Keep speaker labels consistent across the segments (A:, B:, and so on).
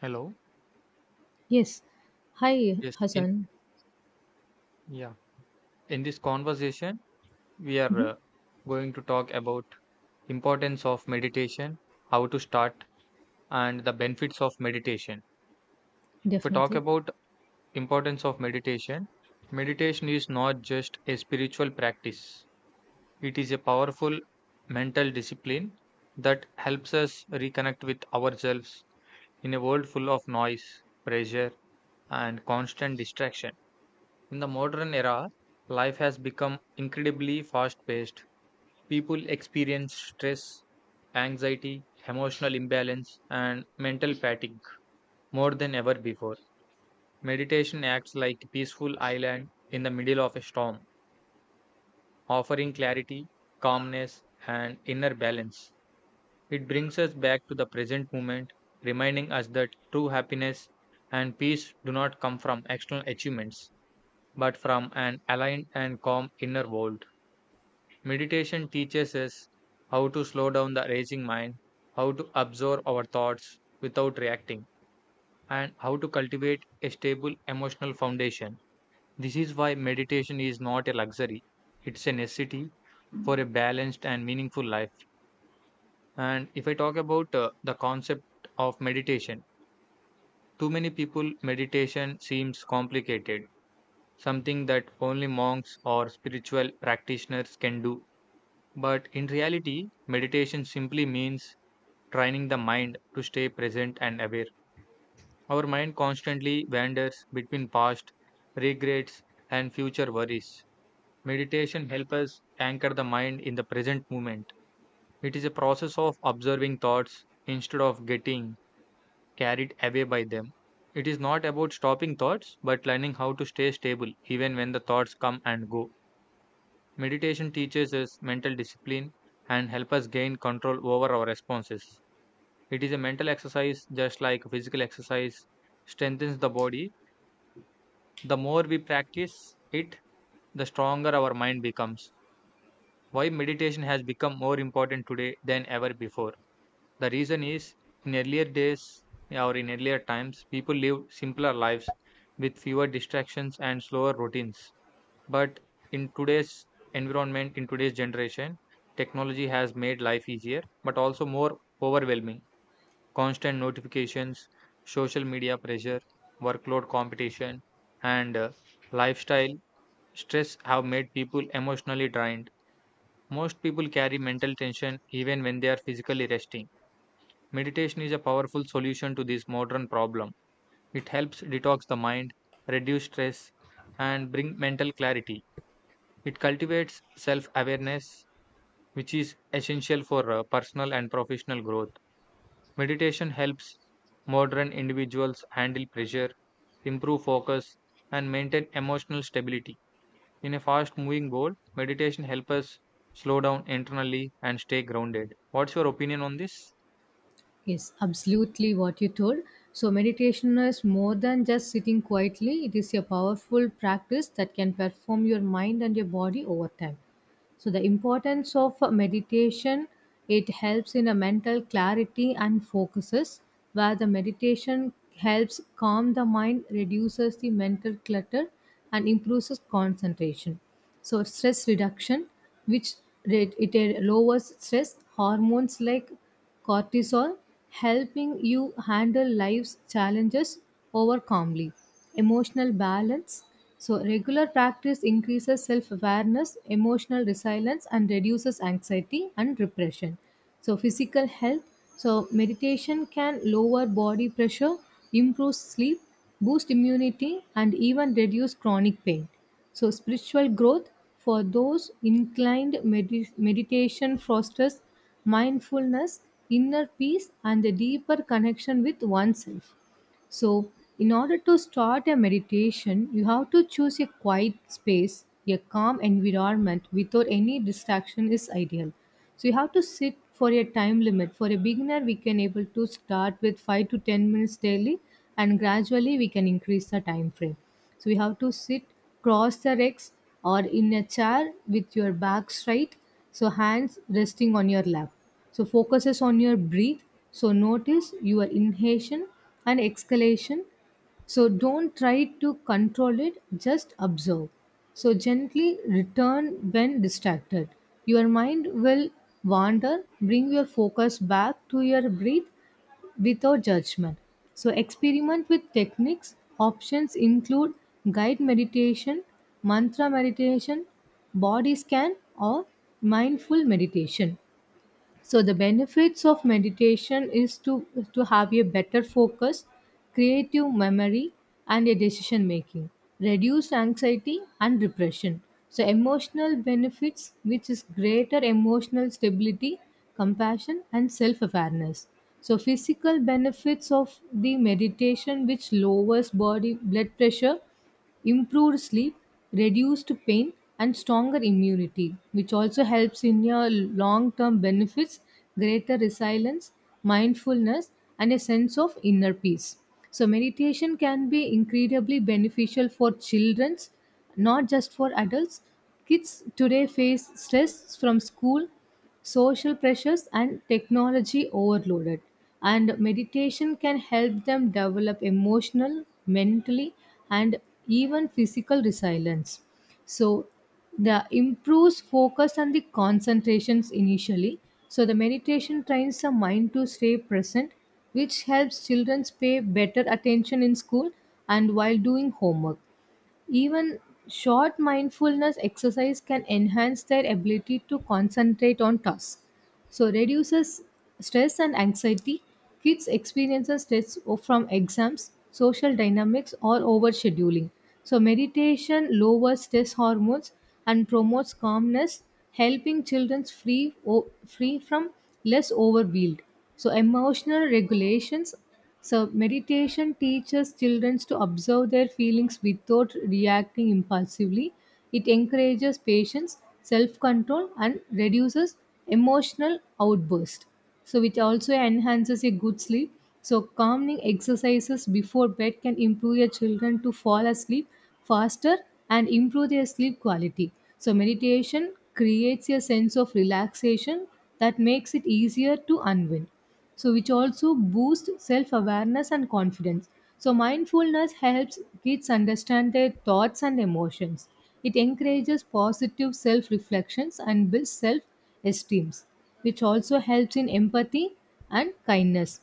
A: Hello.
B: Yes. Hi,
A: Yes, in
B: Hassan.
A: Yeah. In this conversation, we are
B: Mhm.
A: going to talk about importance of meditation, how to start, and the benefits of meditation. If we talk
B: Definitely.
A: about importance of meditation, meditation is not just a spiritual practice. It is a powerful mental discipline that helps us reconnect with ourselves in a world full of noise, pressure, and constant distraction. In the modern era, life has become incredibly fast paced. People experience stress, anxiety, emotional imbalance, and mental fatigue more than ever before. Meditation acts like a peaceful island in the middle of a storm, offering clarity, calmness, and inner balance. It brings us back to the present moment, reminding us that true happiness and peace do not come from external achievements, but from an aligned and calm inner world. Meditation teaches us how to slow down the racing mind, how to absorb our thoughts without reacting, and how to cultivate a stable emotional foundation. This is why meditation is not a luxury, it's a necessity for a balanced and meaningful life. And if I talk about the concept of meditation, too many people meditation seems complicated, something that only monks or spiritual practitioners can do. But in reality, meditation simply means training the mind to stay present and aware. Our mind constantly wanders between past regrets and future worries. Meditation helps us anchor the mind in the present moment. It is a process of observing thoughts instead of getting carried away by them. It is not about stopping thoughts but learning how to stay stable even when the thoughts come and go. Meditation teaches us mental discipline and help us gain control over our responses. It is a mental exercise just like physical exercise strengthens the body. The more we practice it, the stronger our mind becomes. Why meditation has become more important today than ever before? The reason is in earlier days or in earlier times, people lived simpler lives with fewer distractions and slower routines. But in today's environment, in today's generation, technology has made life easier but also more overwhelming. Constant notifications, social media pressure, workload competition, and lifestyle stress have made people emotionally drained. Most people carry mental tension even when they are physically resting. Meditation is a powerful solution to this modern problem. It helps detox the mind, reduce stress, and bring mental clarity. It cultivates self awareness, which is essential for personal and professional growth. Meditation helps modern individuals handle pressure, improve focus, and maintain emotional stability. In a fast moving world, meditation helps us slow down internally and stay grounded. What's your opinion on this?
B: Yes, absolutely what you told. So, meditation is more than just sitting quietly, it is a powerful practice that can perform your mind and your body over time. So, the importance of meditation, it helps in a mental clarity and focuses, where the meditation helps calm the mind, reduces the mental clutter, and improves concentration. So, stress reduction, which it lowers stress hormones like cortisol, helping you handle life's challenges over calmly. Emotional balance, so regular practice increases self-awareness, emotional resilience, and reduces anxiety and repression. So physical health, so meditation can lower body pressure, improve sleep, boost immunity, and even reduce chronic pain. So, spiritual growth, for those inclined, meditation fosters mindfulness, inner peace, and a deeper connection with oneself. So, in order to start a meditation, you have to choose a quiet space. A calm environment without any distraction is ideal. So you have to sit for a time limit. For a beginner, we can able to start with 5 to 10 minutes daily, and gradually we can increase the time frame. So you have to sit cross the legs or in a chair with your back straight, so hands resting on your lap. So focuses on your breath. So notice your inhalation and exhalation. So don't try to control it, just observe. So gently return when distracted. Your mind will wander, bring your focus back to your breath without judgment. So, experiment with techniques. Options include guided meditation, mantra meditation, body scan, or mindful meditation. So the benefits of meditation is to have a better focus, creative memory and a decision making, reduced anxiety and depression. So emotional benefits, which is greater emotional stability, compassion, and self-awareness. So physical benefits of the meditation, which lowers body blood pressure, improved sleep, reduced pain, and stronger immunity, which also helps in your long term benefits, greater resilience, mindfulness, and a sense of inner peace. So, meditation can be incredibly beneficial for children, not just for adults. Kids today face stress from school, social pressures, and technology overloaded, and meditation can help them develop emotional, mentally, and even physical resilience. So the improves focus and the concentrations initially. So the meditation trains the mind to stay present, which helps children pay better attention in school and while doing homework. Even short mindfulness exercise can enhance their ability to concentrate on tasks. So reduces stress and anxiety. Kids experience stress from exams, social dynamics, or overscheduling. So meditation lowers stress hormones and promotes calmness, helping children free from less overwhelmed. So emotional regulations, so, meditation teaches children to observe their feelings without reacting impulsively. It encourages patience, self control, and reduces emotional outburst. So, which also enhances a good sleep. So, calming exercises before bed can improve your children to fall asleep faster and improve their sleep quality. So, meditation creates a sense of relaxation that makes it easier to unwind. So which also boosts self-awareness and confidence. So mindfulness helps kids understand their thoughts and emotions. It encourages positive self-reflections and builds self-esteem, which also helps in empathy and kindness.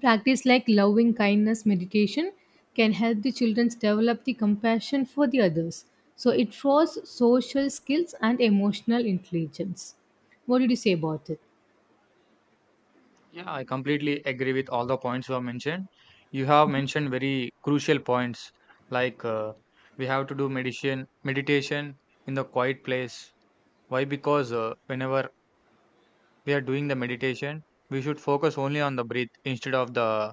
B: Practice like loving kindness meditation can help the children develop the compassion for the others. So it draws social skills and emotional intelligence. What did you say about it?
A: Yeah, I completely agree with all the points you have mentioned. You have mentioned very crucial points like we have to do meditation in the quiet place. Why? Because whenever we are doing the meditation, we should focus only on the breath instead of the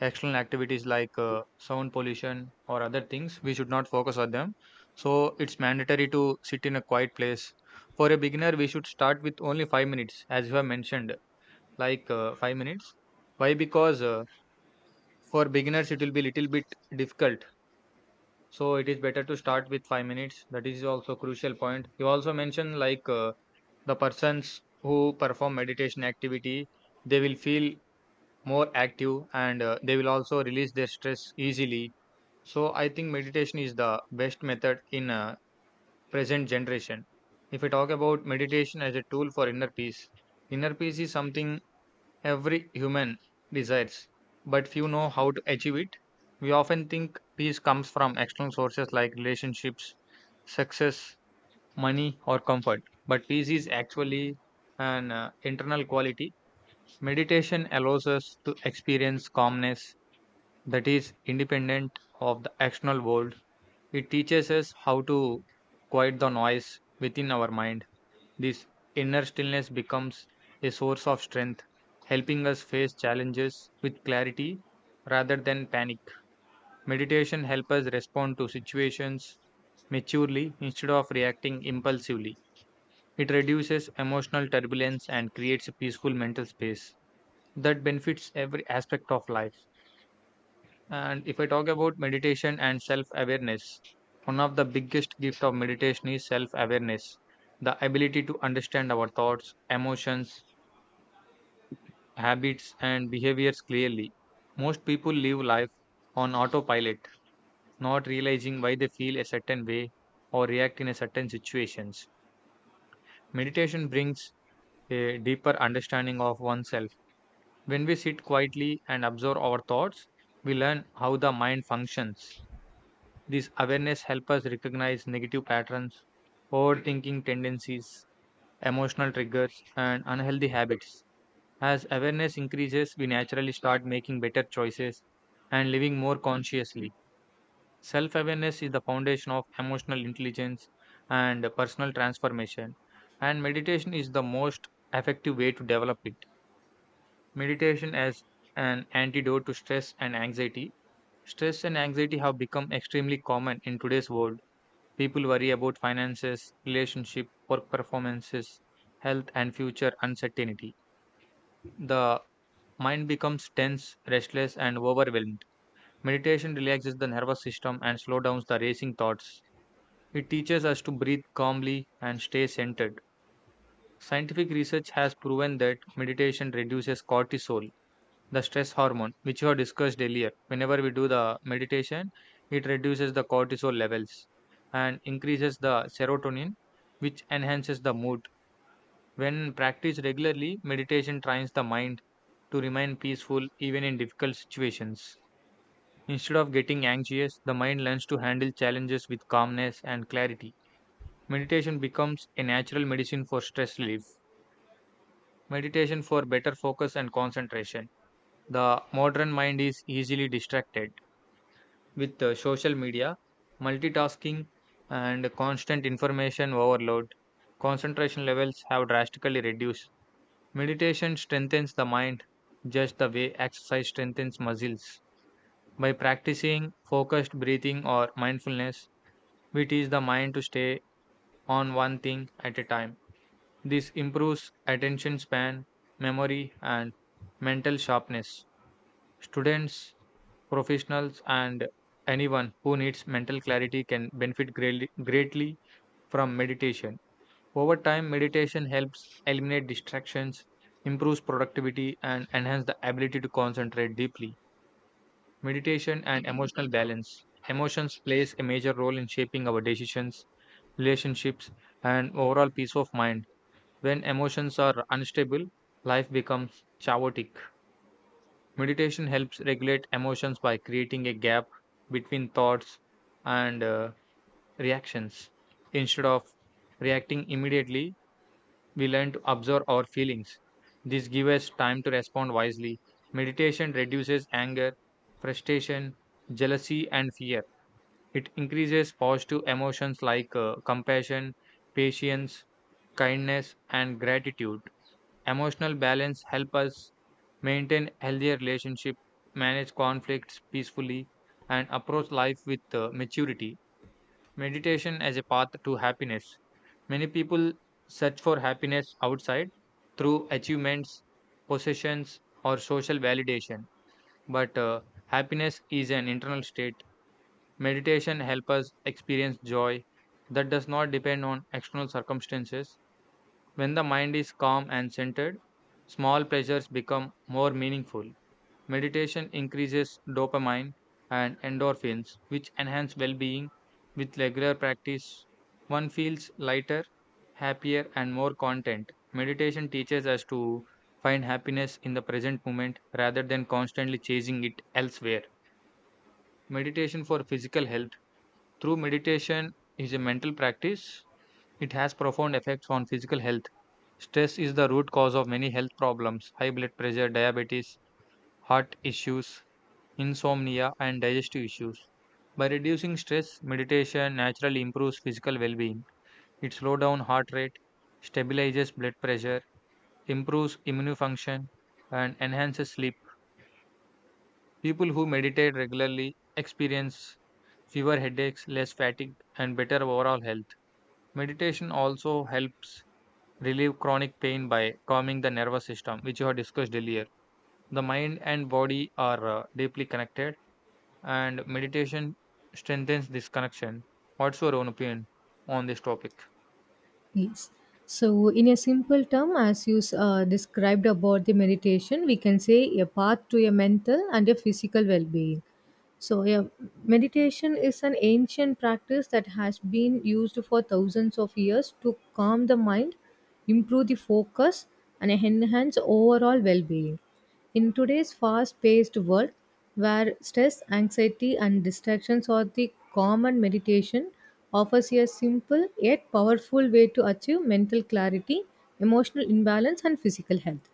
A: external activities like sound pollution or other things. We should not focus on them. So it's mandatory to sit in a quiet place. For a beginner, we should start with only 5 minutes, as you have mentioned, like 5 minutes. Why? Because for beginners, it will be little bit difficult. So it is better to start with 5 minutes. That is also crucial point. You also mentioned like. The persons who perform meditation activity they will feel more active and they will also release their stress easily. So I think meditation is the best method in present generation. If we talk about meditation as a tool for inner peace, inner peace is something every human desires, but few know how to achieve it. We often think peace comes from external sources like relationships, success, money, or comfort. But peace is actually an internal quality. Meditation allows us to experience calmness that is independent of the external world. It teaches us how to quiet the noise within our mind. This inner stillness becomes a source of strength, helping us face challenges with clarity rather than panic. Meditation helps us respond to situations maturely instead of reacting impulsively. It reduces emotional turbulence and creates a peaceful mental space that benefits every aspect of life. And if I talk about meditation and self awareness, one of the biggest gifts of meditation is self awareness, the ability to understand our thoughts, emotions, habits, and behaviors clearly. Most people live life on autopilot, not realizing why they feel a certain way or react in a certain situations. Meditation brings a deeper understanding of oneself. When we sit quietly and observe our thoughts, we learn how the mind functions. This awareness helps us recognize negative patterns, overthinking tendencies, emotional triggers, and unhealthy habits. As awareness increases, we naturally start making better choices and living more consciously. Self awareness is the foundation of emotional intelligence and personal transformation, and meditation is the most effective way to develop it. Meditation as an antidote to stress and anxiety. Stress and anxiety have become extremely common in today's world. People worry about finances, relationship, work performances, health, and future uncertainty. The mind becomes tense, restless, and overwhelmed. Meditation relaxes the nervous system and slows down the racing thoughts. It teaches us to breathe calmly and stay centered. Scientific research has proven that meditation reduces cortisol, the stress hormone, which you have discussed earlier. Whenever we do the meditation, it reduces the cortisol levels and increases the serotonin, which enhances the mood. When practiced regularly, meditation trains the mind to remain peaceful even in difficult situations. Instead of getting anxious, the mind learns to handle challenges with calmness and clarity. Meditation becomes a natural medicine for stress relief. Meditation for better focus and concentration. The modern mind is easily distracted with social media, multitasking, and constant information overload, concentration levels have drastically reduced. Meditation strengthens the mind just the way exercise strengthens muscles. By practicing focused breathing or mindfulness, we teach the mind to stay on one thing at a time. This improves attention span, memory, and mental sharpness. Students, professionals, and anyone who needs mental clarity can benefit greatly, greatly from meditation. Over time, meditation helps eliminate distractions, improves productivity, and enhance the ability to concentrate deeply. Meditation and emotional balance. Emotions plays a major role in shaping our decisions, relationships, and overall peace of mind. When emotions are unstable, life becomes chaotic. Meditation helps regulate emotions by creating a gap between thoughts and reactions. Instead of reacting immediately, we learn to observe our feelings. This gives us time to respond wisely. Meditation reduces anger, frustration, jealousy, and fear. It increases positive emotions like compassion, patience, kindness, and gratitude. Emotional balance help us maintain healthier relationship, manage conflicts peacefully, and approach life with maturity. Meditation as a path to happiness. Many people search for happiness outside through achievements, possessions, or social validation. But happiness is an internal state. Meditation helps us experience joy that does not depend on external circumstances. When the mind is calm and centered, small pleasures become more meaningful. Meditation increases dopamine and endorphins, which enhance well being. With regular practice, one feels lighter, happier, and more content. Meditation teaches us to find happiness in the present moment rather than constantly chasing it elsewhere. Meditation for physical health. Through meditation is a mental practice, it has profound effects on physical health. Stress is the root cause of many health problems: high blood pressure, diabetes, heart issues, insomnia, and digestive issues. By reducing stress, meditation naturally improves physical well being. It slows down heart rate, stabilizes blood pressure, improves immune function, and enhances sleep. People who meditate regularly experience fewer headaches, less fatigue, and better overall health. Meditation also helps relieve chronic pain by calming the nervous system, which you have discussed earlier. The mind and body are deeply connected, and meditation strengthens this connection. What's your own opinion on this topic?
B: Yes. So, in a simple term, as you described about the meditation, we can say a path to a mental and a physical well being. So, yeah, meditation is an ancient practice that has been used for thousands of years to calm the mind, improve the focus, and enhance overall well being. In today's fast paced world, where stress, anxiety, and distractions are the common, meditation offers a simple yet powerful way to achieve mental clarity, emotional imbalance, and physical health.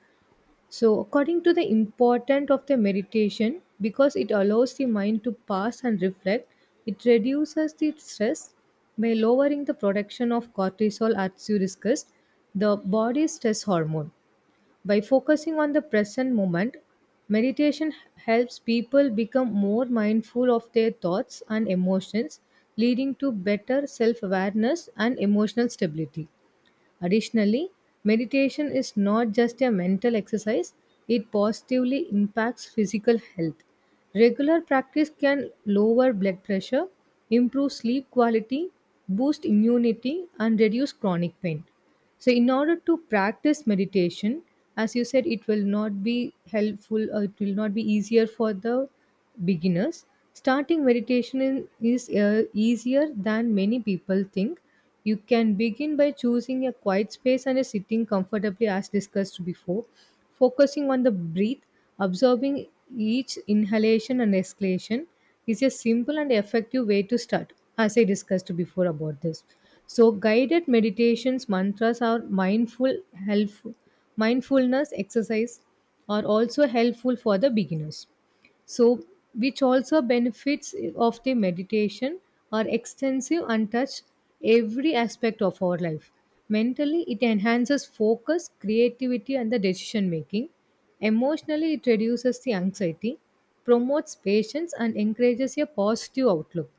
B: So, according to the importance of the meditation, because it allows the mind to pass and reflect, it reduces the stress by lowering the production of cortisol, as you discussed, the body's stress hormone, by focusing on the present moment. Meditation helps people become more mindful of their thoughts and emotions, leading to better self awareness and emotional stability. Additionally, meditation is not just a mental exercise, it positively impacts physical health. Regular practice can lower blood pressure, improve sleep quality, boost immunity, and reduce chronic pain. So, in order to practice meditation, as you said, it will not be helpful or it will not be easier for the beginners. Starting meditation is easier than many people think. You can begin by choosing a quiet space and a sitting comfortably, as discussed before, focusing on the breath, observing each inhalation and exhalation, is a simple and effective way to start, as I discussed before about this. So, guided meditations, mantras, or mindful helpful mindfulness exercise are also helpful for the beginners. So which also benefits of the meditation are extensive and touch every aspect of our life. Mentally, it enhances focus, creativity, and the decision making. Emotionally, it reduces the anxiety, promotes patience, and encourages a positive outlook.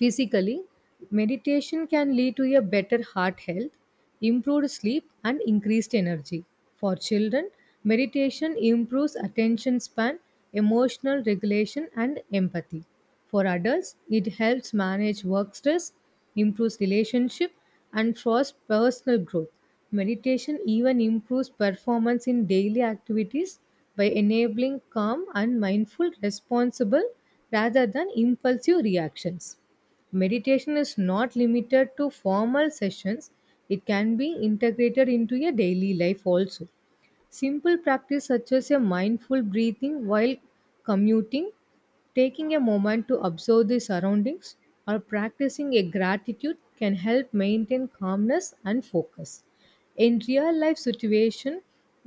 B: Physically, meditation can lead to a better heart health, improved sleep, and increased energy. For children, meditation improves attention span, emotional regulation, and empathy. For adults, it helps manage work stress, improves relationship, and fosters personal growth. Meditation even improves performance in daily activities by enabling calm and mindful, responsible rather than impulsive reactions. Meditation is not limited to formal sessions, it can be integrated into your daily life also. Simple practice such as a mindful breathing while commuting, taking a moment to observe the surroundings, or practicing a gratitude can help maintain calmness and focus. In real life situation,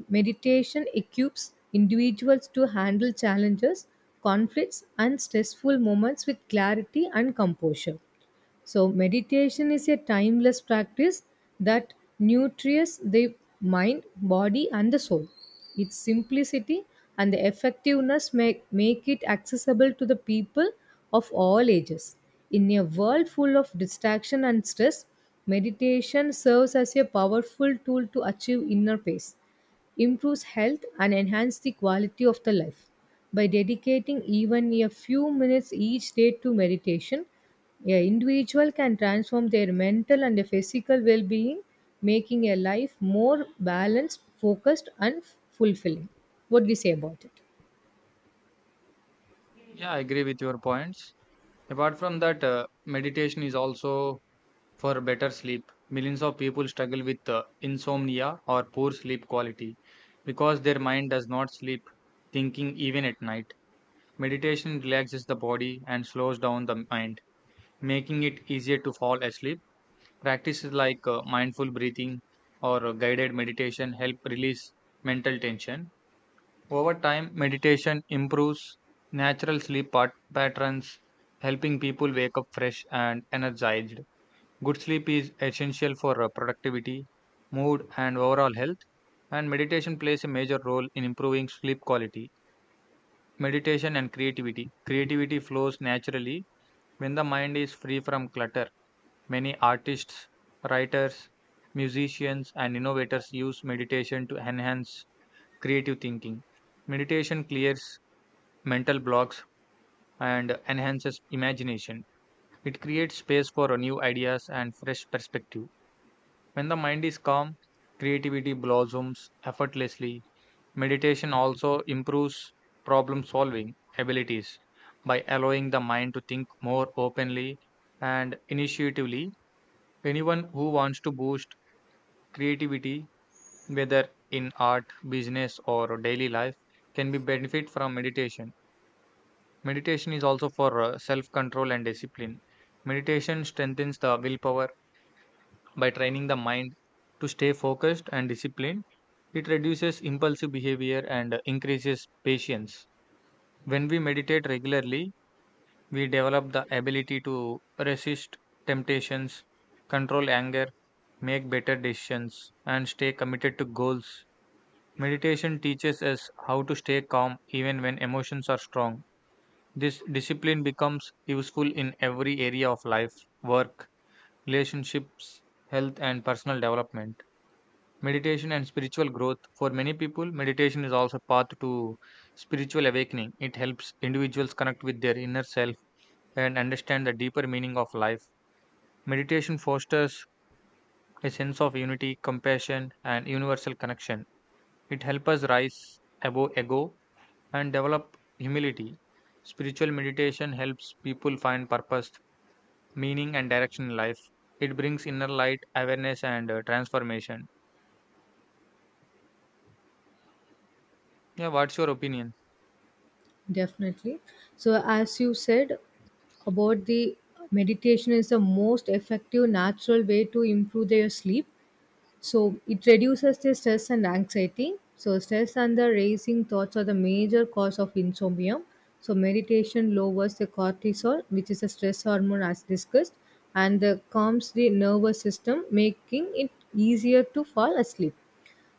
B: meditation equips individuals to handle challenges, conflicts, and stressful moments with clarity and composure. So, meditation is a timeless practice that nurtures the mind, body, and the soul. Its simplicity and the effectiveness make it accessible to the people of all ages. In a world full of distraction and stress, meditation serves as a powerful tool to achieve inner peace, improves health, and enhance the quality of the life. By dedicating even a few minutes each day to meditation, a individual can transform their mental and physical well-being, making a life more balanced, focused, and fulfilling. What do you say about it?
A: Yeah, I agree with your points. Apart from that, meditation is also for better sleep. Millions of people struggle with insomnia or poor sleep quality because their mind does not sleep, thinking even at night. Meditation relaxes the body and slows down the mind, making it easier to fall asleep. Practices like mindful breathing or guided meditation help release mental tension. Over time, meditation improves natural sleep patterns, helping people wake up fresh and energized. Good sleep is essential for productivity, mood, and overall health, and meditation plays a major role in improving sleep quality. Meditation and creativity. Creativity flows naturally when the mind is free from clutter. Many artists, writers, musicians, and innovators use meditation to enhance creative thinking. Meditation clears mental blocks and enhances imagination. It creates space for new ideas and fresh perspective. When the mind is calm, creativity blossoms effortlessly. Meditation also improves problem solving abilities by allowing the mind to think more openly and initiatively. Anyone who wants to boost creativity, whether in art, business, or daily life, can be benefit from meditation. Meditation is also for self control and discipline. Meditation strengthens the willpower by training the mind to stay focused and disciplined. It reduces impulsive behavior and increases patience. When we meditate regularly, we develop the ability to resist temptations, control anger, make better decisions, and stay committed to goals. Meditation teaches us how to stay calm even when emotions are strong. This discipline becomes useful in every area of life: work, relationships, health, and personal development. Meditation and spiritual growth. For many people, meditation is also a path to spiritual awakening. It helps individuals connect with their inner self and understand the deeper meaning of life. Meditation fosters a sense of unity, compassion, and universal connection. It helps us rise above ego and develop humility. Spiritual meditation helps people find purpose, meaning, and direction in life. It brings inner light, awareness, and transformation. Yeah, what's your opinion?
B: Definitely. So as you said about the meditation is the most effective natural way to improve their sleep. So it reduces the stress and anxiety. So stress and the racing thoughts are the major cause of insomnia. So meditation lowers the cortisol, which is a stress hormone as discussed, and calms the nervous system, making it easier to fall asleep.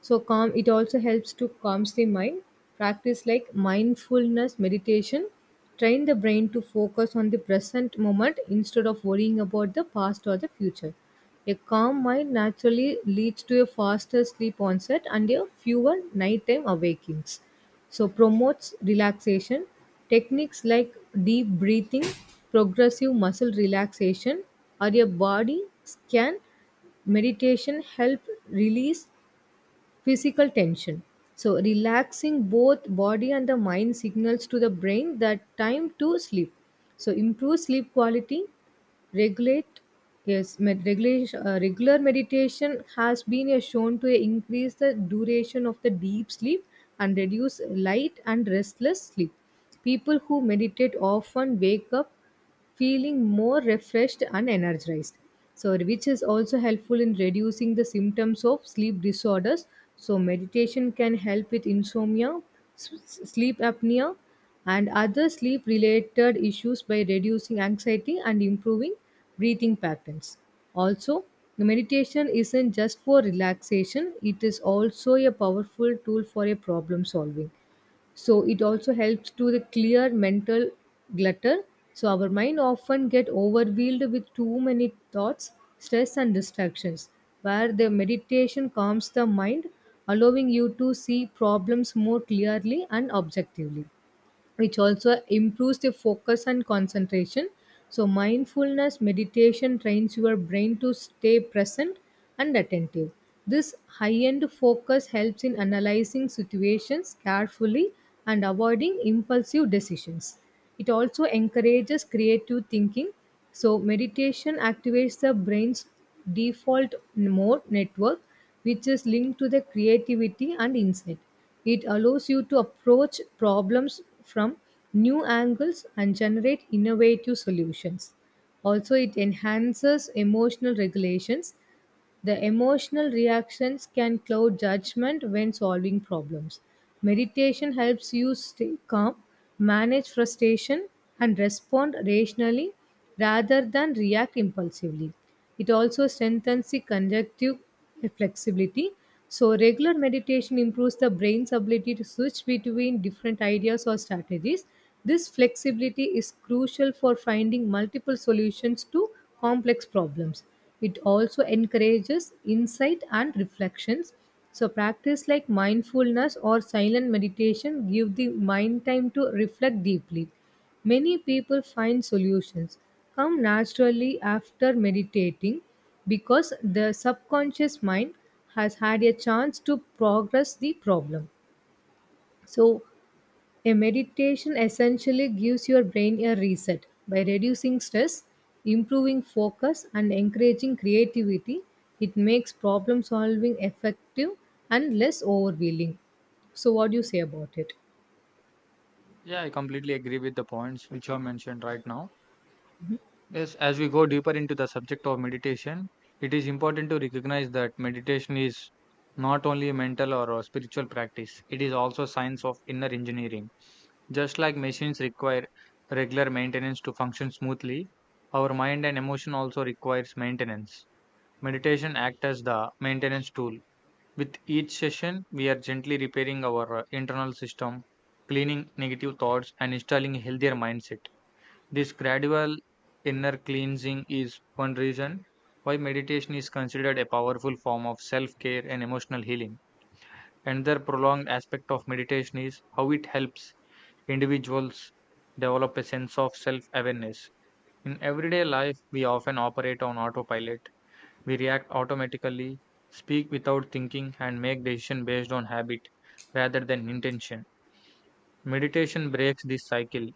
B: So calm, it also helps to calms the mind. Practice like mindfulness meditation train the brain to focus on the present moment instead of worrying about the past or the future. A calm mind naturally leads to a faster sleep onset and a fewer nighttime awakings. So promotes relaxation. Techniques like deep breathing, progressive muscle relaxation, or a body scan meditation help release physical tension. So, relaxing both body and the mind signals to the brain that time to sleep. So, improve sleep quality, regulate, yes, regular meditation has been shown to increase the duration of the deep sleep and reduce light and restless sleep. People who meditate often wake up feeling more refreshed and energized. So, which is also helpful in reducing the symptoms of sleep disorders. So, meditation can help with insomnia, s- sleep apnea, and other sleep related issues by reducing anxiety and improving breathing patterns. Also, meditation isn't just for relaxation, it is also a powerful tool for a problem solving. So it also helps to the clear mental clutter. So our mind often get overwhelmed with too many thoughts, stress, and distractions, where the meditation calms the mind, allowing you to see problems more clearly and objectively, which also improves the focus and concentration. So, mindfulness meditation trains your brain to stay present and attentive. This high end focus helps in analyzing situations carefully and avoiding impulsive decisions. It also encourages creative thinking. So, meditation activates the brain's default mode network, which is linked to the creativity and insight. It allows you to approach problems from new angles and generate innovative solutions. Also, it enhances emotional regulations. The emotional reactions can cloud judgment when solving problems. Meditation helps you stay calm, manage frustration, and respond rationally rather than react impulsively. It also strengthens the conjunctive flexibility. So, regular meditation improves the brain's ability to switch between different ideas or strategies. This flexibility is crucial for finding multiple solutions to complex problems. It also encourages insight and reflections. So, practice like mindfulness or silent meditation give the mind time to reflect deeply. Many people find solutions come naturally after meditating because the subconscious mind has had a chance to progress the problem. So, a meditation essentially gives your brain a reset by reducing stress, improving focus, and encouraging creativity. It makes problem solving effective and less overwhelming. So, what do you say about it?
A: Yeah, I completely agree with the points which you have mentioned right now. Yes, as we go deeper into the subject of meditation, it is important to recognize that meditation is not only a mental or a spiritual practice, it is also a science of inner engineering. Just like machines require regular maintenance to function smoothly, our mind and emotion also requires maintenance. Meditation acts as the maintenance tool. With each session, we are gently repairing our internal system, cleaning negative thoughts and installing a healthier mindset. This gradual inner cleansing is one reason why meditation is considered a powerful form of self-care and emotional healing. Another prolonged aspect of meditation is how it helps individuals develop a sense of self awareness. In everyday life, we often operate on autopilot. We react automatically, speak without thinking, and make decisions based on habit rather than intention. Meditation breaks this cycle.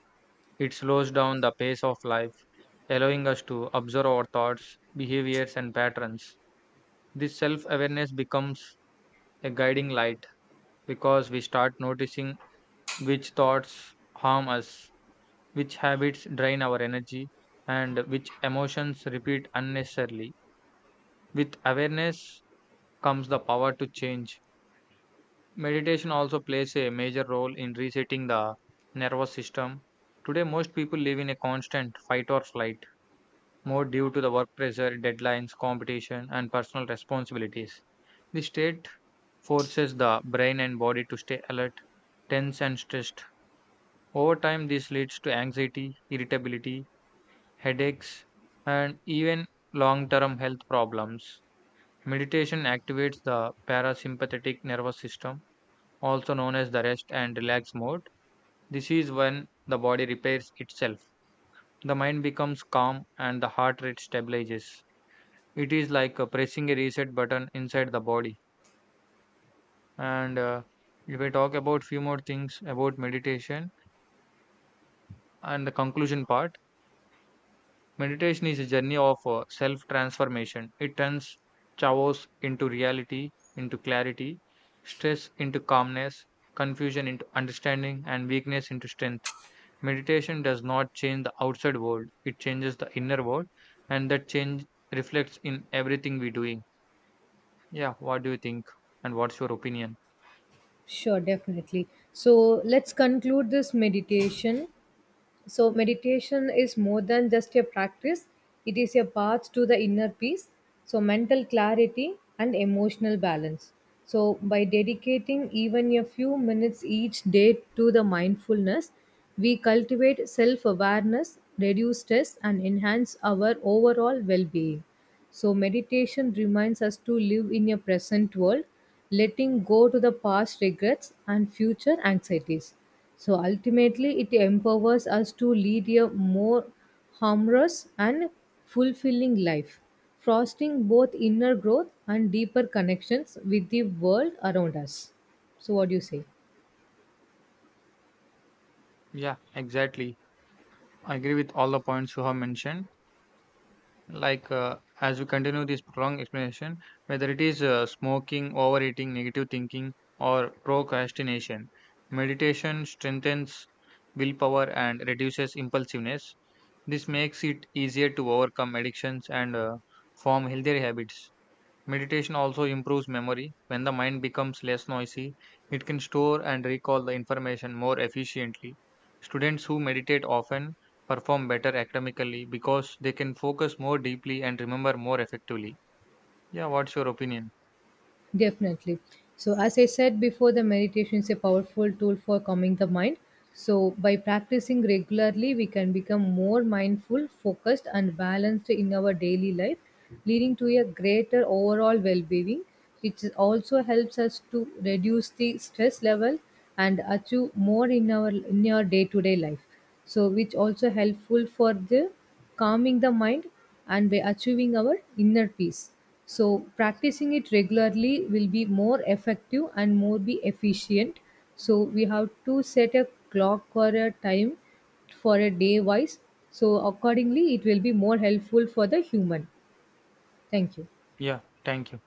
A: It slows down the pace of life, allowing us to observe our thoughts, behaviors, and patterns. This self awareness becomes a guiding light because we start noticing which thoughts harm us, which habits drain our energy, and which emotions repeat unnecessarily. With awareness comes the power to change. Meditation also plays a major role in resetting the nervous system. Today, most people live in a constant fight or flight mode due to the work pressure, deadlines, competition, and personal responsibilities. The state forces the brain and body to stay alert, tense, and stressed. Over time, this leads to anxiety, irritability, headaches, and even long term health problems. Meditation activates the parasympathetic nervous system, also known as the rest and relax mode. This is when the body repairs itself. The mind becomes calm and the heart rate stabilizes. It is like pressing a reset button inside the body. And If I talk about few more things about meditation and the conclusion part, meditation is a journey of self transformation. It turns chaos into reality, into clarity, stress into calmness, confusion into understanding, and weakness into strength. Meditation does not change the outside world, it changes the inner world, and that change reflects in everything we doing. Yeah, what do you think? And what's your opinion?
B: Sure, definitely. So, let's conclude this meditation. So, meditation is more than just a practice, it is a path to the inner peace, so mental clarity and emotional balance. So, by dedicating even a few minutes each day to the mindfulness, we cultivate self awareness, reduce stress, and enhance our overall well being. So, meditation reminds us to live in a present world, letting go to the past regrets and future anxieties. So ultimately, it empowers us to lead a more harmonious and fulfilling life, fostering both inner growth and deeper connections with the world around us. So, what do you say?
A: Yeah, exactly. I agree with all the points you have mentioned. Like as we continue this prolonged explanation, whether it is smoking, overeating, negative thinking, or procrastination, meditation strengthens willpower and reduces impulsiveness. This makes it easier to overcome addictions and form healthier habits. Meditation also improves memory. When the mind becomes less noisy, it can store and recall the information more efficiently. Students who meditate often perform better academically because they can focus more deeply and remember more effectively. Yeah, what's your opinion?
B: Definitely. So, as I said before, the meditation is a powerful tool for calming the mind. So, by practicing regularly, we can become more mindful, focused, and balanced in our daily life, leading to a greater overall well being, which also helps us to reduce the stress level and achieve more in our in your day to day life. So which also helpful for the calming the mind and by achieving our inner peace. So, practicing it regularly will be more effective and more be efficient. So we have to set a clock or a time for a day wise, so accordingly it will be more helpful for the human. Thank you.
A: Yeah, thank you.